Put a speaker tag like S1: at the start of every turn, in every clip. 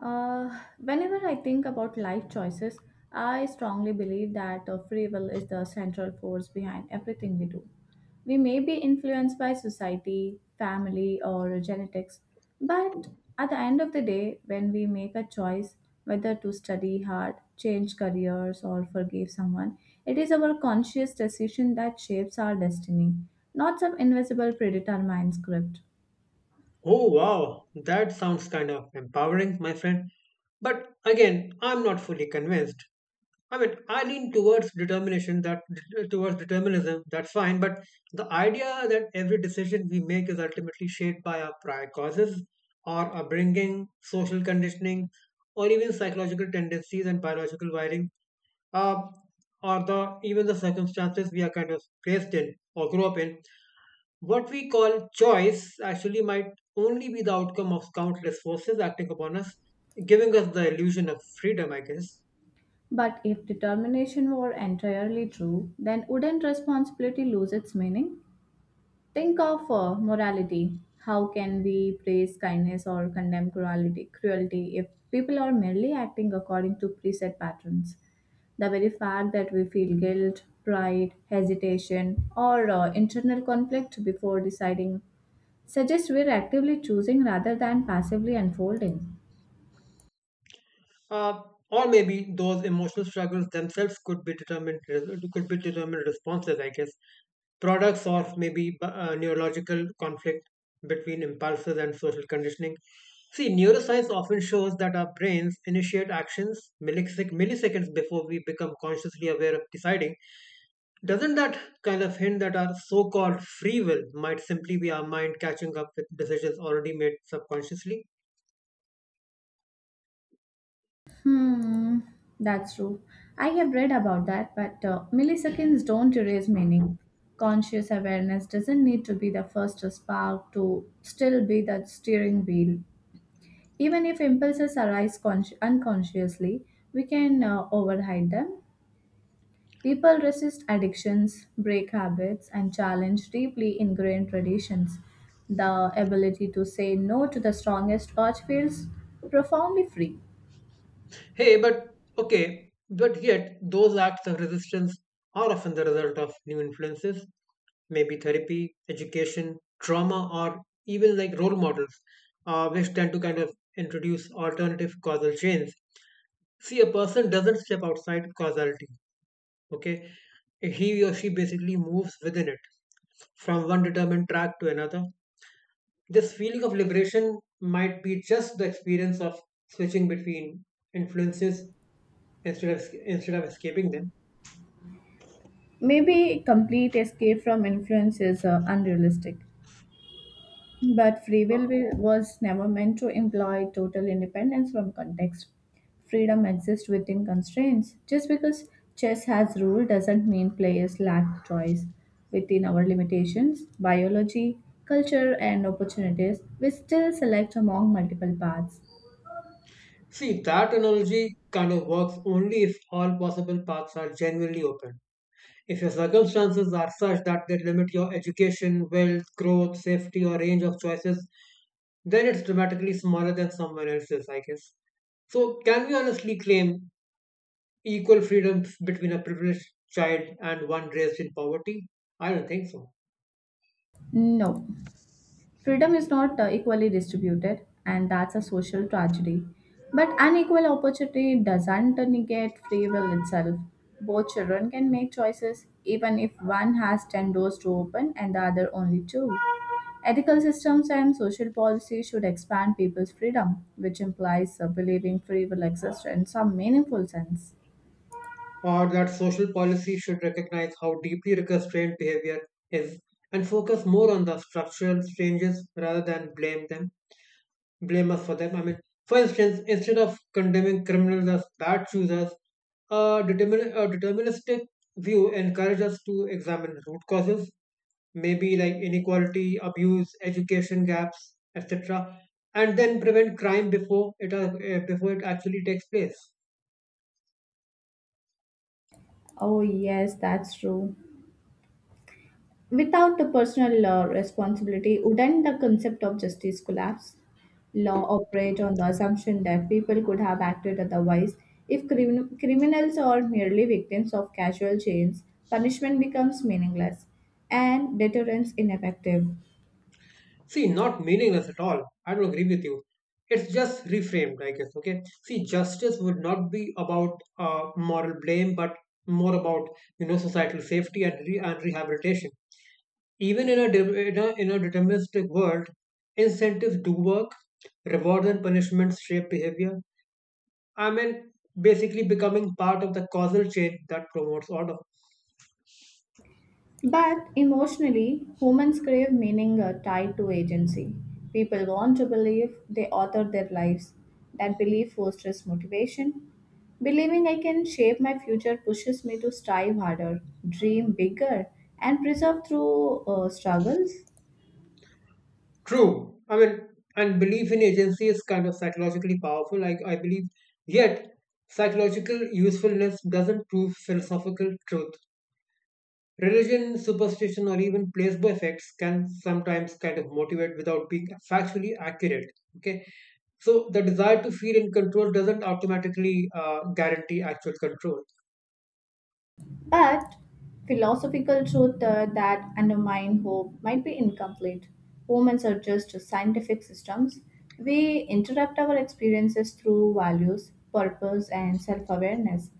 S1: Whenever I think about life choices, I strongly believe that free will is the central force behind everything we do. We may be influenced by society, family, or genetics, but at the end of the day, when we make a choice whether to study hard, change careers, or forgive someone, it is our conscious decision that shapes our destiny, not some invisible predetermined script.
S2: Oh wow, that sounds kind of empowering, my friend. But again, I'm not fully convinced. I mean, I lean towards determination that towards determinism. That's fine, but the idea that every decision we make is ultimately shaped by our prior causes, our upbringing, social conditioning, or even psychological tendencies and biological wiring, uh, or the even the circumstances we are kind of placed in or grew up in. What we call choice actually might only be the outcome of countless forces acting upon us, giving us the illusion of freedom, I guess.
S1: But if determination were entirely true, then wouldn't responsibility lose its meaning? Think of morality. How can we praise kindness or condemn cruelty if people are merely acting according to preset patterns? The very fact that we feel guilt, pride, hesitation, or internal conflict before deciding suggests we're actively choosing rather than passively unfolding.
S2: Uh, or maybe those emotional struggles themselves could be determined responses, I guess, products of maybe neurological conflict between impulses and social conditioning. See, neuroscience often shows that our brains initiate actions milliseconds before we become consciously aware of deciding. Doesn't that kind of hint that our so called free will might simply be our mind catching up with decisions already made subconsciously?
S1: Hmm, that's true. I have read about that, but milliseconds don't erase meaning. Conscious awareness doesn't need to be the first spark to still be the steering wheel. Even if impulses arise unconsciously, we can override them. People resist addictions, break habits, and challenge deeply ingrained traditions. The ability to say no to the strongest urge feels profoundly free.
S2: Hey, but okay, but yet those acts of resistance are often the result of new influences, maybe therapy, education, trauma, or even like role models, which tend to kind of introduce alternative causal chains. See, a person doesn't step outside causality, okay? He or she basically moves within it from one determined track to another. This feeling of liberation might be just the experience of switching between influences instead of escaping them.
S1: Maybe complete escape from influence is unrealistic, but free
S2: Uh,
S1: was never meant to imply total independence from context. Freedom exists within constraints. Just because chess has rule doesn't mean players lack choice. Within our limitations, biology, culture, and opportunities, we still select among multiple paths.
S2: See, that analogy kind of works only if all possible paths are genuinely open. If your circumstances are such that they limit your education, wealth, growth, safety, or range of choices, then it's dramatically smaller than someone else's, I guess. So, can we honestly claim equal freedom between a privileged child and one raised in poverty? I don't think so.
S1: No, freedom is not equally distributed, and that's a social tragedy. But unequal opportunity doesn't negate free will itself. Both children can make choices, even if one has 10 doors to open and the other only two. Ethical systems and social policy should expand people's freedom, which implies believing free will exists in some meaningful sense.
S2: Or that social policy should recognize how deeply restrained behavior is, and focus more on the structural changes rather than blame us for them, I mean. For instance, instead of condemning criminals as bad choosers, a, a deterministic view encourages us to examine root causes, maybe like inequality, abuse, education gaps, etc. And then prevent crime before it actually takes place.
S1: Oh, yes, that's true. Without the personal responsibility, wouldn't the concept of justice collapse? Law operate on the assumption that people could have acted otherwise. If criminals are merely victims of casual chains, punishment becomes meaningless and deterrence ineffective.
S2: See, not meaningless at all. I don't agree with you. It's just reframed, I guess. Okay. See, justice would not be about moral blame, but more about you know societal safety and rehabilitation. Even in a, de- in a deterministic world, incentives do work. Rewards and punishments shape behavior. I mean, basically becoming part of the causal chain that promotes order.
S1: But emotionally, humans crave meaning tied to agency. People want to believe they author their lives. That belief fosters motivation. Believing I can shape my future pushes me to strive harder, dream bigger, and preserve through struggles.
S2: True. I mean, and belief in agency is kind of psychologically powerful. Like I believe, yet psychological usefulness doesn't prove philosophical truth. Religion, superstition, or even placebo effects can sometimes kind of motivate without being factually accurate. Okay, so the desire to feel in control doesn't automatically guarantee actual control.
S1: But philosophical truth that undermine hope might be incomplete. Humans are just scientific systems. We interrupt our experiences through values, purpose, and self awareness.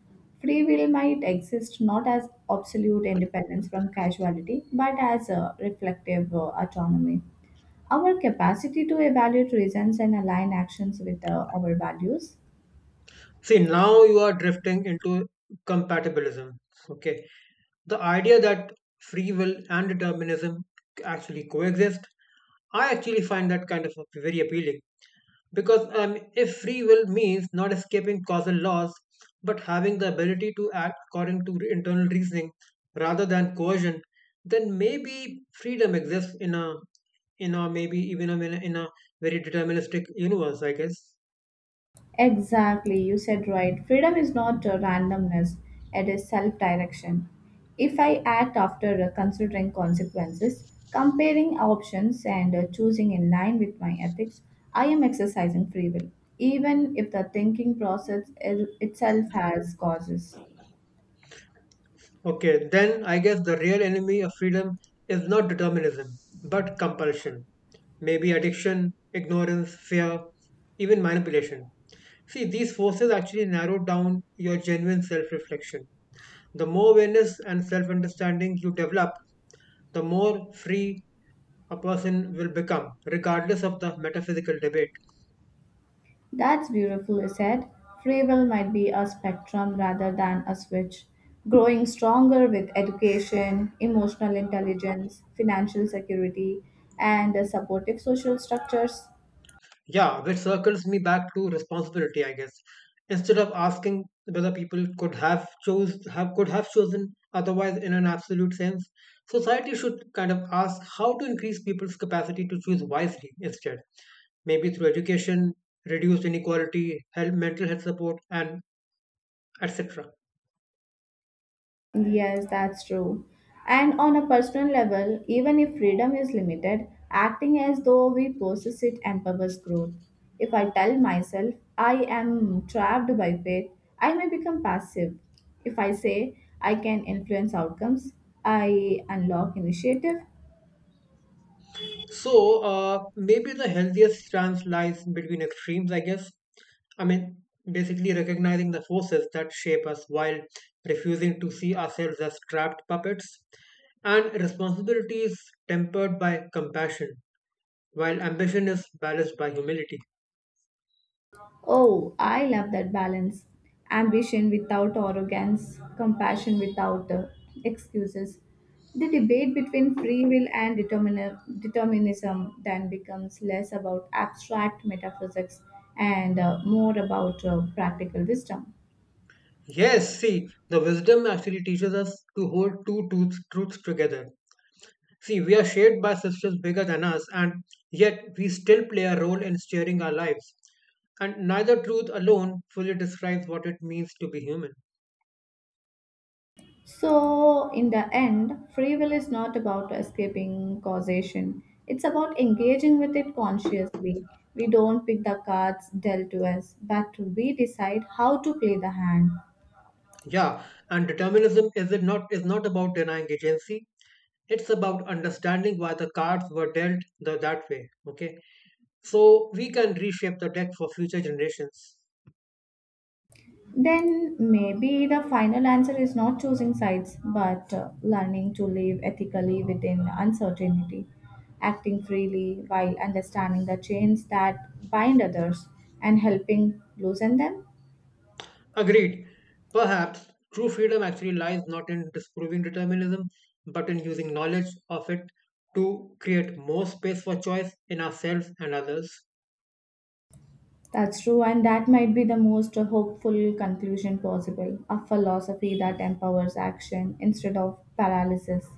S1: Free will might exist not as absolute independence from casuality, but as a reflective autonomy. Our capacity to evaluate reasons and align actions with our values.
S2: See, now you are drifting into compatibilism. Okay. The idea that free will and determinism actually coexist, I actually find that kind of very appealing. Because if free will means not escaping causal laws, but having the ability to act according to internal reasoning rather than coercion, then maybe freedom exists in a maybe even in a very deterministic universe, I guess.
S1: Exactly, you said right. Freedom is not a randomness, it is self direction. If I act after considering consequences, comparing options, and choosing in line with my ethics, I am exercising free will, even if the thinking process itself has causes.
S2: Okay, then I guess the real enemy of freedom is not determinism, but compulsion. Maybe addiction, ignorance, fear, even manipulation. See, these forces actually narrow down your genuine self reflection. The more awareness and self understanding you develop, the more free a person will become, regardless of the metaphysical debate.
S1: That's beautifully said. Free will might be a spectrum rather than a switch, growing stronger with education, emotional intelligence, financial security, and supportive social structures.
S2: Yeah, which circles me back to responsibility, I guess. Instead of asking whether people could have chosen otherwise in an absolute sense, society should kind of ask how to increase people's capacity to choose wisely instead. Maybe through education, reduced inequality, health, mental health support, and etc.
S1: Yes, that's true. And on a personal level, even if freedom is limited, acting as though we possess it empowers growth. If I tell myself I am trapped by fate, I may become passive. If I say I can influence outcomes, I unlock initiative.
S2: So maybe the healthiest stance lies between extremes, I guess. I mean, basically recognizing the forces that shape us while refusing to see ourselves as trapped puppets. And responsibility is tempered by compassion, while ambition is balanced by humility.
S1: Oh, I love that balance. Ambition without arrogance, compassion without excuses. The debate between free will and determinism then becomes less about abstract metaphysics and more about practical wisdom.
S2: Yes, see, the wisdom actually teaches us to hold truths together. See, we are shaped by systems bigger than us, and yet we still play a role in steering our lives. And neither truth alone fully describes what it means to be human.
S1: So, in the end, free will is not about escaping causation. It's about engaging with it consciously. We don't pick the cards dealt to us, but we decide how to play the hand.
S2: Yeah, and determinism is it not is not about denying agency. It's about understanding why the cards were that way. Okay, so we can reshape the deck for future generations.
S1: Then maybe the final answer is not choosing sides, but learning to live ethically within uncertainty, acting freely while understanding the chains that bind others and helping loosen them.
S2: Agreed. Perhaps true freedom actually lies not in disproving determinism, but in using knowledge of it to create more space for choice in ourselves and others.
S1: That's true, and that might be the most hopeful conclusion possible a philosophy that empowers action instead of paralysis.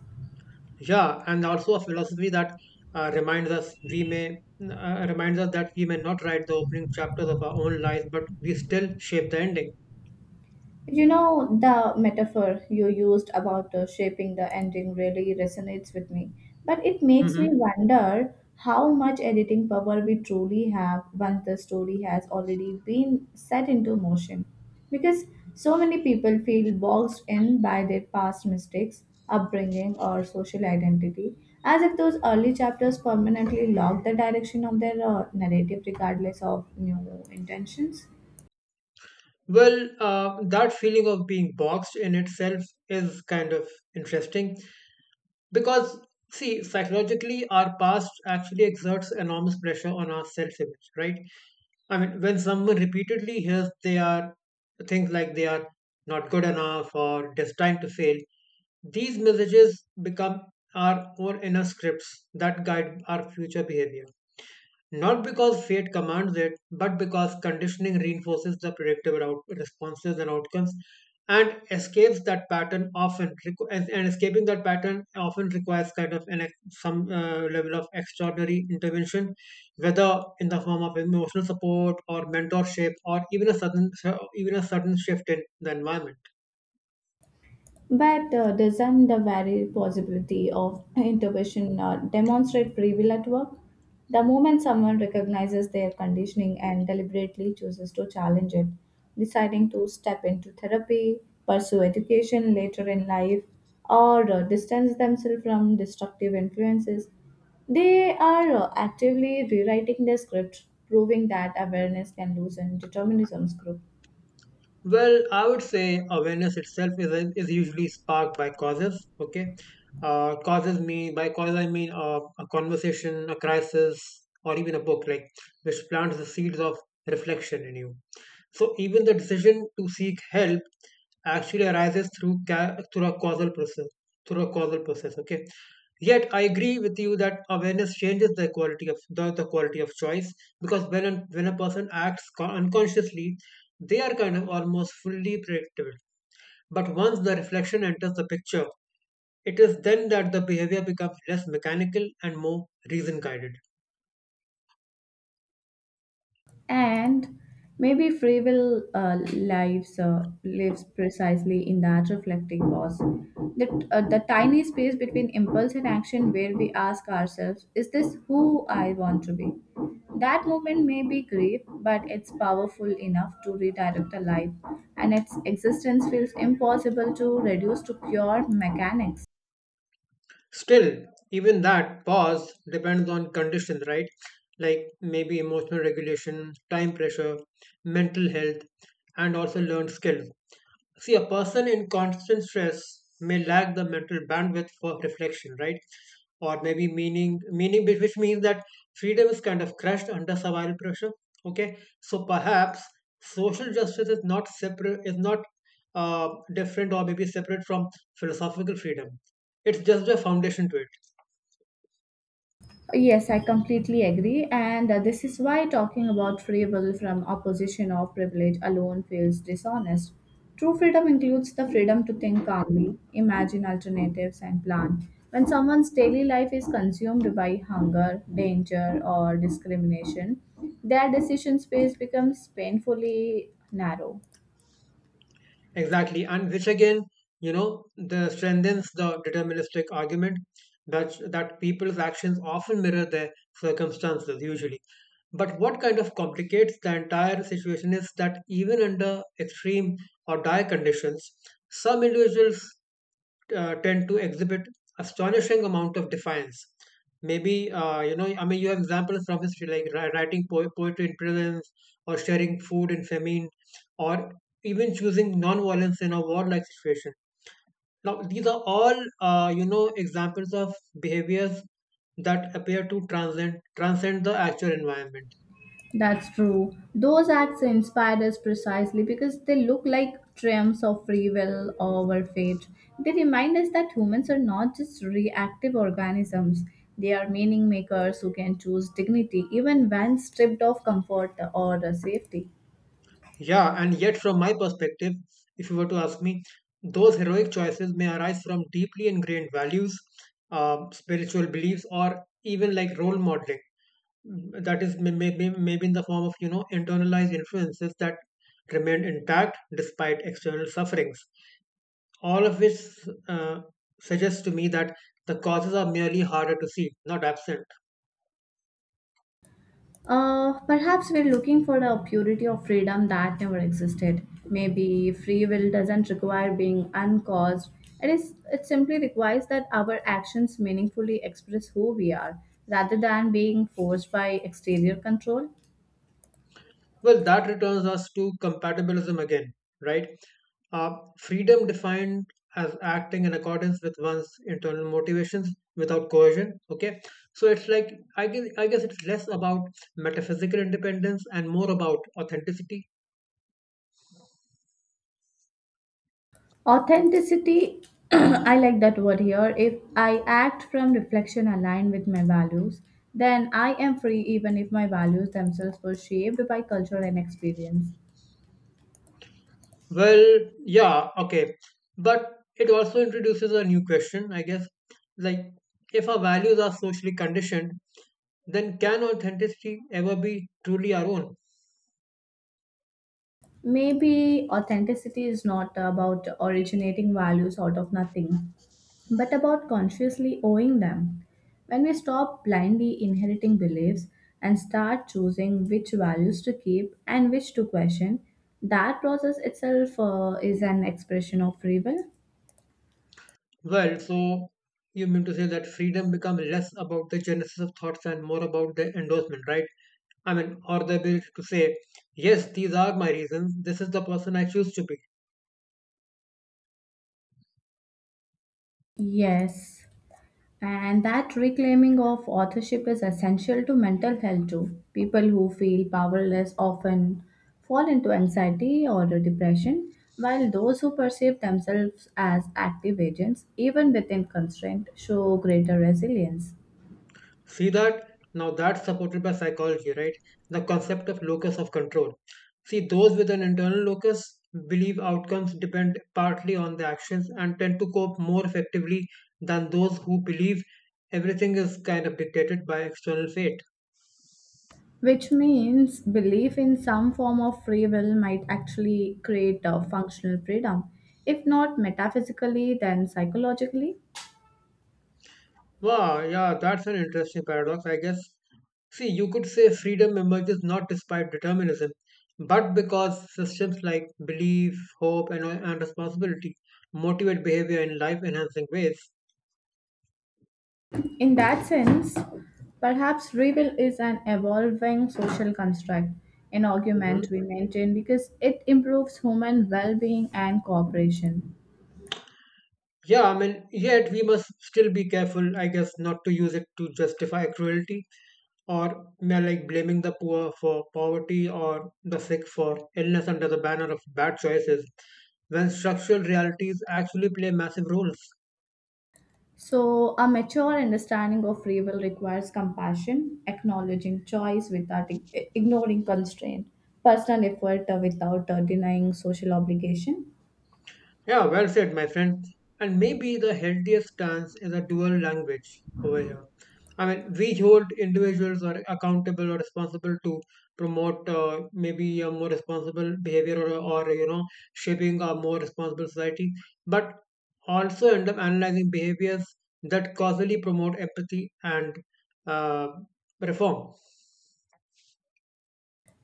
S2: Yeah, and also a philosophy that uh, reminds us we may reminds us that we may not write the opening chapters of our own lives, but we still shape the ending.
S1: You know, the metaphor you used about shaping the ending really resonates with me. But it makes me
S2: Hmm.
S1: wonder how much editing power we truly have once the story has already been set into motion. Because so many people feel boxed in by their past mistakes, upbringing, or social identity, as if those early chapters permanently lock the direction of their narrative regardless of new intentions.
S2: Well, that feeling of being boxed in itself is kind of interesting, because see, psychologically our past actually exerts enormous pressure on our self image, right? I mean, when someone repeatedly hears they are not good enough, or destined to fail. These messages become our own inner scripts that guide our future behavior. Not because fate commands it, but because conditioning reinforces the responses and outcomes, and escapes that pattern often requ- and escaping that pattern often requires kind of some level of extraordinary intervention, whether in the form of emotional support or mentorship, or even a sudden shift in the environment.
S1: But doesn't the very possibility of intuition demonstrate free will at work? The moment someone recognizes their conditioning and deliberately chooses to challenge it, deciding to step into therapy, pursue education later in life, or distance themselves from destructive influences, they are actively rewriting their script, proving that awareness can loosen determinism's grip.
S2: Well, I would say awareness itself is usually sparked by causes. Okay, causes mean by cause I mean a conversation, a crisis, or even a book, like which plants the seeds of reflection in you. So even the decision to seek help actually arises through a causal process. Through a causal process. Okay. Yet I agree with you that awareness changes the quality of choice, because when a person unconsciously, they are kind of almost fully predictable. But once the reflection enters the picture, it is then that the behavior becomes less mechanical and more reason guided.
S1: And maybe free will lives precisely in that reflecting pause, that the tiny space between impulse and action, where we ask ourselves, "Is this who I want to be?" That moment may be brief, but it's powerful enough to redirect a life, and its existence feels impossible to reduce to pure mechanics.
S2: Still, even that pause depends on conditions, right? Like maybe emotional regulation, time pressure, mental health, and also learned skills. See, a person in constant stress may lack the mental bandwidth for reflection, right? Or meaning which means that freedom is kind of crushed under survival pressure. Okay, so perhaps social justice is not uh, different, or maybe separate from philosophical freedom. It's just a foundation to it.
S1: Yes, I completely agree, and this is why talking about free will from a position of privilege alone feels dishonest. True freedom includes the freedom to think calmly, imagine alternatives, and plan. When someone's daily life is consumed by hunger, danger, or discrimination, their decision space becomes painfully narrow.
S2: Exactly, and which again, you know, the strengthens the deterministic argument that people's actions often mirror their circumstances usually. But what kind of complicates the entire situation is that even under extreme or dire conditions, some individuals tend to exhibit astonishing amount of defiance. Maybe you know, I mean, you have examples from history like writing poetry in prisons, or sharing food in famine, or even choosing non-violence in a warlike situation. Now, these are all you know examples of behaviors that appear to transcend the actual environment.
S1: That's true. Those acts inspired us precisely because they look like triumphs of free will over fate. They remind us that humans are not just reactive organisms, they are meaning makers who can choose dignity even when stripped of comfort or safety.
S2: Yeah, and yet, from my perspective, if you were to ask me, those heroic choices may arise from deeply ingrained values, spiritual beliefs, or even like role modeling. Mm, that is maybe in the form of you know internalized influences that remain intact despite external sufferings. All of which uh, suggests to me that the causes are merely harder to see, not absent.
S1: Perhaps we're looking for a purity of freedom that never existed. Maybe free will doesn't require being uncaused. It is. It simply requires that our actions meaningfully express who we are, rather than being forced by exterior control.
S2: Well, that returns us to compatibilism again, right? Freedom defined as acting in accordance with one's internal motivations without coercion. Okay, so it's like I guess it's less about metaphysical independence and more about authenticity.
S1: Authenticity. I like that word here. If I act from reflection aligned with my values, then I am free, even if my values themselves were shaped by culture and experience.
S2: Well, yeah, okay, but it also introduces a new question, I guess. Like, if our values are socially conditioned, then can authenticity ever be truly our own?
S1: Maybe authenticity is not about originating values out of nothing, but about consciously owing them. When we stop blindly inheriting beliefs and start choosing which values to keep and which to question, that process itself is an expression of free will.
S2: Well, so you mean to say that freedom becomes less about the genesis of thoughts and more about the endorsement, right? I mean, or the ability to say, yes, these are my reasons, this is the person I choose to be.
S1: Yes. And that reclaiming of authorship is essential to mental health too. People who feel powerless often fall into anxiety or depression, while those who perceive themselves as active agents, even within constraint, show greater resilience.
S2: See that? Now that's supported by psychology, right? The concept of locus of control. See, those with an internal locus believe outcomes depend partly on the actions, and tend to cope more effectively than those who believe everything is kind of dictated by external fate.
S1: Which means belief in some form of free will might actually create a functional freedom, if not metaphysically, then psychologically.
S2: Wow, yeah, that's an interesting paradox. I guess, see, you could say freedom emerges not despite determinism, but because systems like belief, hope, and responsibility motivate behavior in life enhancing ways.
S1: In that sense, perhaps rebel is an evolving social construct, an
S2: hmm
S1: argument we maintain because it improves human well being and cooperation.
S2: Yeah, I mean, yet we must still be careful, I guess, not to use it to justify cruelty or may like blaming the poor for poverty or the sick for illness under the banner of bad choices when structural realities actually play massive roles.
S1: So, a mature understanding of free will requires compassion, acknowledging choice without ignoring constraint, personal effort without denying social obligation.
S2: Yeah, well said, my friend. And maybe the healthiest stance is a dual language over here. I mean, we hold individuals are accountable or responsible to promote maybe a more responsible behavior or, shaping a more responsible society, but also end up analyzing behaviors that causally promote empathy and uh, reform.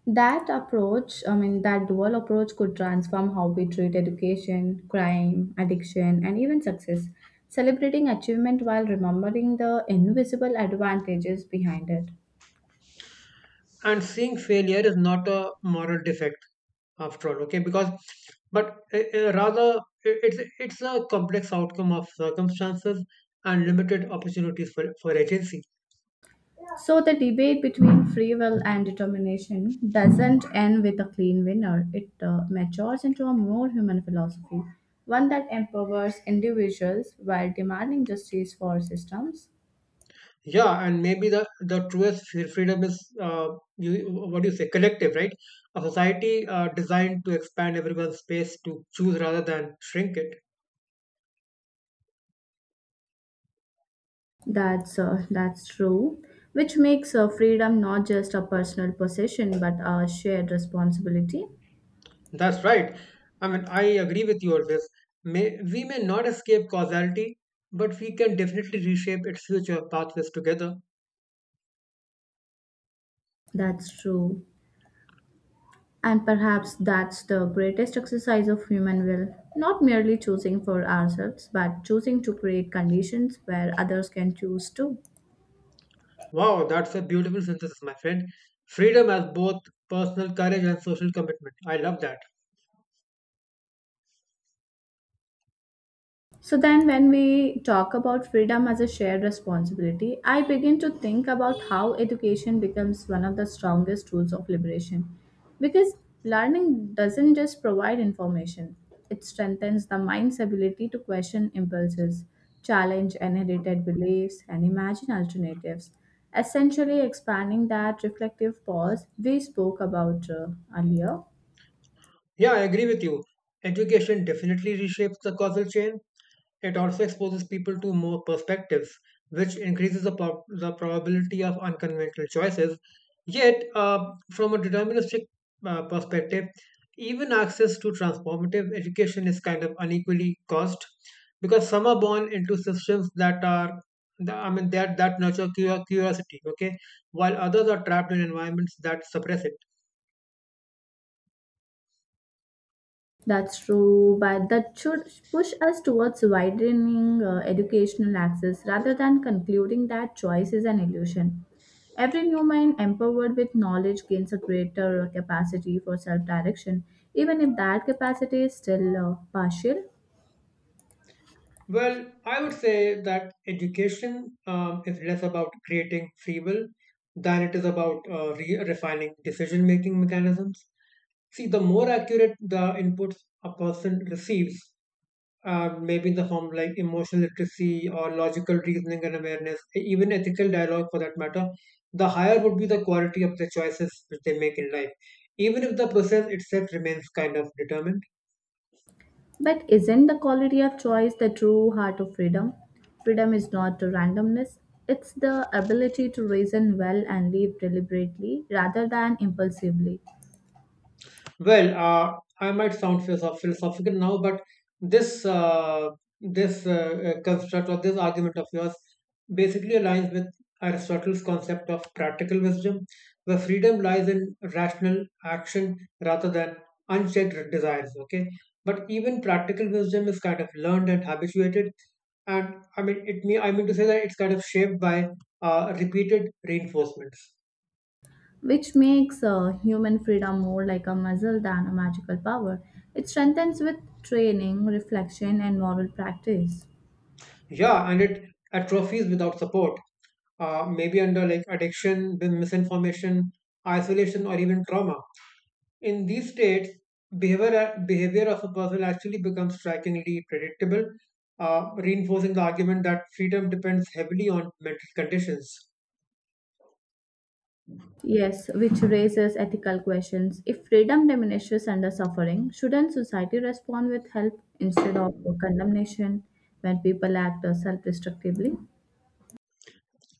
S1: That approach, I mean, that dual approach could transform how we treat education, crime, addiction, and even success, celebrating achievement while remembering the invisible advantages behind it.
S2: And seeing failure is not a moral defect after all, okay, because but rather i- it's it's a complex outcome of circumstances and limited opportunities for agency.
S1: So, the debate between free will and determination doesn't end with a clean winner, it matures into a more human philosophy, one that empowers individuals while demanding justice for systems.
S2: Yeah, and maybe the freedom is, uh, you what do you say, collective, right? A society designed to expand everyone's space to choose rather than shrink it.
S1: That's true, which makes freedom not just a personal possession but a shared responsibility.
S2: That's right. I mean, I agree with you on this. May, we may not escape causality, but we can definitely reshape its future pathways together.
S1: That's true. And perhaps that's the greatest exercise of human will, not merely choosing for ourselves, but choosing to create conditions where others can choose too.
S2: Wow, that's a beautiful synthesis, my friend. Freedom as both personal courage and social commitment. I love that.
S1: So then, when we talk about freedom as a shared responsibility, I begin to think about how education becomes one of the strongest tools of liberation. Because learning doesn't just provide information, it strengthens the mind's ability to question impulses, challenge inherited beliefs, and imagine alternatives, essentially expanding that reflective pause we spoke about earlier.
S2: Yeah, I agree with you. Education definitely reshapes the causal chain. It also exposes people to more perspectives, which increases the probability of unconventional choices. Yet, from a deterministic perspective, even access to transformative education is kind of unequally caused because some are born into systems that are I mean that nurture curiosity, okay, while others are trapped in environments that suppress it.
S1: That's true, but that should push us towards widening educational access rather than concluding that choice is an illusion. Every new mind empowered with knowledge gains a greater capacity for self direction, even if that capacity is still partial.
S2: Well, I would say that education is less about creating free will than it is about refining decision making mechanisms. See, the more accurate the inputs a person receives, maybe in the form of, like, emotional literacy or logical reasoning and awareness, even ethical dialogue for that matter, the higher would be the quality of the choices which they make in life, even if the process itself remains kind of determined.
S1: But isn't the quality of choice the true heart of freedom? Freedom is not randomness, it's the ability to reason well and live deliberately rather than impulsively.
S2: Well, I might sound philosophical now, but this this construct or this argument of yours basically aligns with Aristotle's concept of practical wisdom, where freedom lies in rational action rather than unchecked desires. Okay, but even practical wisdom is kind of learned and habituated, and I mean it. Me, I mean to say that it's kind of shaped by repeated reinforcements.
S1: Which makes human freedom more like a muscle than a magical power. It strengthens with training, reflection, and moral practice.
S2: Yeah, and it atrophies without support, maybe under like addiction, with misinformation, isolation, or even trauma. In these states, behavior of a person actually becomes strikingly predictable, reinforcing the argument that freedom depends heavily on mental conditions.
S1: Yes, which raises ethical questions. If freedom diminishes under suffering, shouldn't society respond with help instead of condemnation when people act self destructively?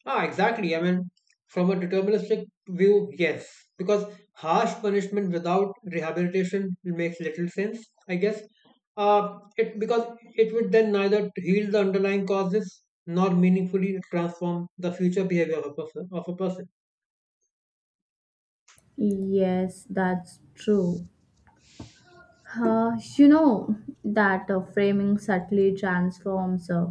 S2: Ah, exactly. I mean, from a deterministic view, yes. Because harsh punishment without rehabilitation makes little sense, I guess. It because it would then neither heal the underlying causes nor meaningfully transform the future behavior of a person. Of a person.
S1: Yes, that's true. You know that framing subtly transforms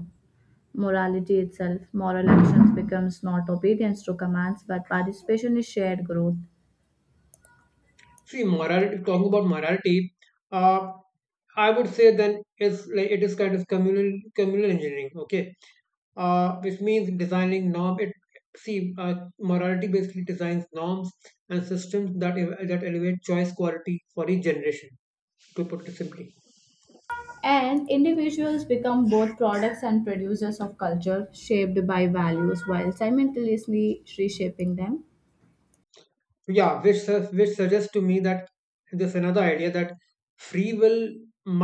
S1: morality itself. Moral actions becomes not obedience to commands, but participation in shared growth.
S2: See, morality. Talking about morality, uh, I would say then is like it is kind of communal engineering. Okay, which means designing norm. It see, morality basically designs norms and systems that that elevate choice quality for each generation. To put it simply,
S1: And individuals become both products and producers of culture, shaped by values while simultaneously reshaping them.
S2: yeah, which which suggests to me that there's another idea that free will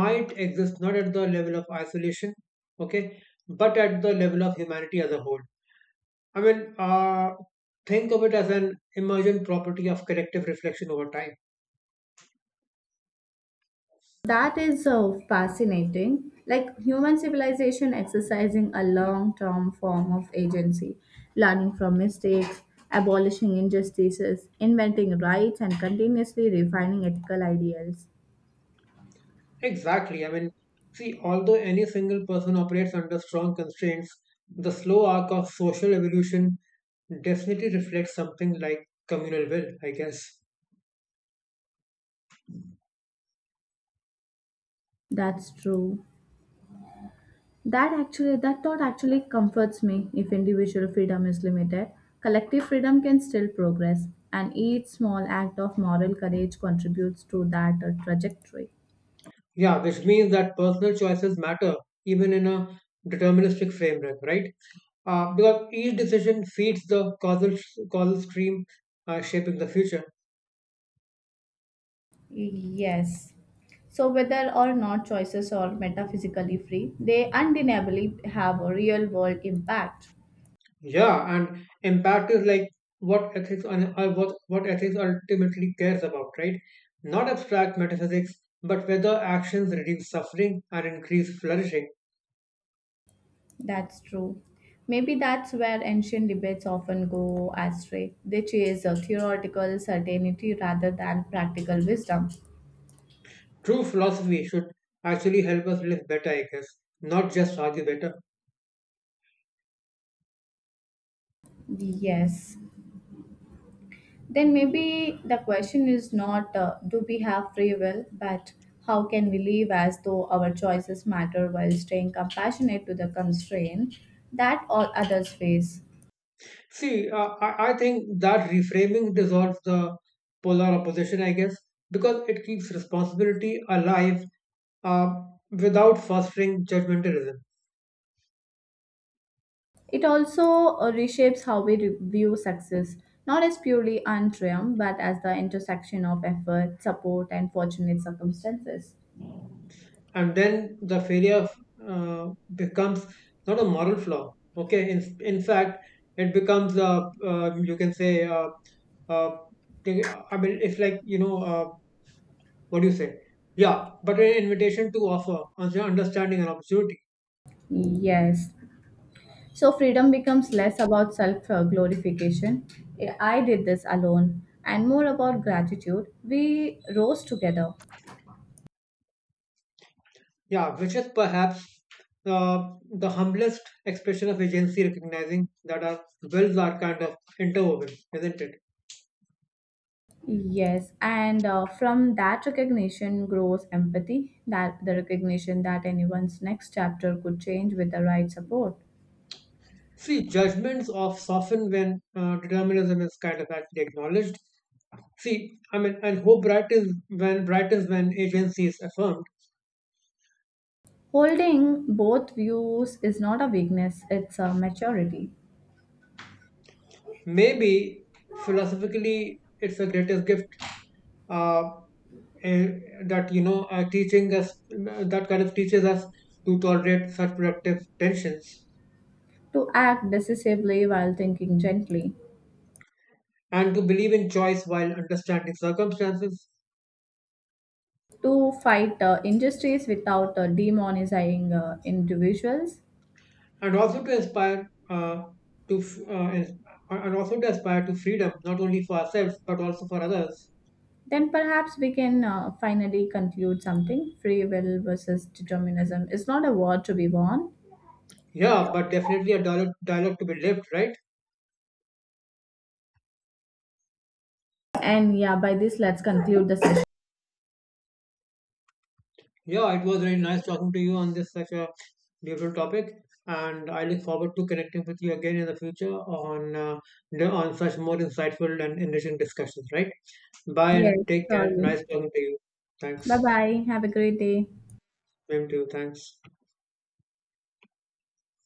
S2: might exist not at the level of isolation, okay, but at the level of humanity as a whole. I mean, think of it as an emergent property of collective reflection over time.
S1: That is so fascinating. Like human civilization exercising a long term form of agency, learning from mistakes, abolishing injustices, inventing rights, and continuously refining ethical ideals.
S2: Exactly. I mean, see, although any single person operates under strong constraints, the slow arc of social evolution definitely reflects something like communal will, I guess.
S1: That's true. That thought actually comforts me. If individual freedom is limited, collective freedom can still progress, and each small act of moral courage contributes to that trajectory.
S2: Yeah, which means that personal choices matter even in a deterministic framework, right? Because each decision feeds the causal stream, shaping the future.
S1: Yes. So, whether or not choices are metaphysically free, they undeniably have a real world impact.
S2: Yeah, and impact is like what ethics and what ethics ultimately cares about, right? Not abstract metaphysics, but whether actions reduce suffering and increase flourishing.
S1: That's true. Maybe that's where ancient debates often go astray. They chase a theoretical certainty rather than practical wisdom.
S2: True philosophy should actually help us live better, I guess, not just argue better.
S1: Yes. Then maybe the question is not do we have free will, but how can we live as though our choices matter while staying compassionate to the constraint that all others face?
S2: See, I think that reframing dissolves the polar opposition, I guess, because it keeps responsibility alive uh, without fostering judgmentalism.
S1: It also reshapes how we view success, not as purely earned triumph, but as the intersection of effort, support, and fortunate circumstances.
S2: And then the failure uh, becomes not a moral flaw, okay, in fact it becomes, you can say, uh, I mean it's like, what do you say, yeah, but an invitation to offer understanding and opportunity.
S1: Yes, so freedom becomes less about self glorification. I did this alone, and more about gratitude. We rose together.
S2: Yeah, which is perhaps uh, the humblest expression of agency, recognizing that our wills are kind of interwoven, isn't it?
S1: Yes, and from that recognition grows empathy, that the recognition that anyone's next chapter could change with the right support.
S2: See, judgments of soften when determinism is kind of actually acknowledged. See, I mean, and how bright is when agency is affirmed.
S1: Holding both views is not a weakness, it's a maturity.
S2: Maybe philosophically, it's the greatest gift, uh, eh, that you know are teaching us that kind of teaches us to tolerate such productive tensions,
S1: To act decisively while thinking gently,
S2: and to believe in choice while understanding circumstances,
S1: to fight injustice without demonizing individuals,
S2: and also to inspire, to f- uh, ins- and also to aspire to freedom not only for ourselves but also for others.
S1: then perhaps we can finally conclude something. Free will versus determinism is not a war to be won.
S2: Yeah, but definitely a dialogue to be lived, right?
S1: And yeah, by this, let's conclude the session.
S2: Yeah, it was really nice talking to you on this such a beautiful topic, and I look forward to connecting with you again in the future on such more insightful and enriching discussions. Right? Bye
S1: Yes,
S2: and take care.
S1: surely.
S2: Nice talking to you.
S1: Bye
S2: Thanks.
S1: bye. Have a great day.
S2: Same to you. Thanks.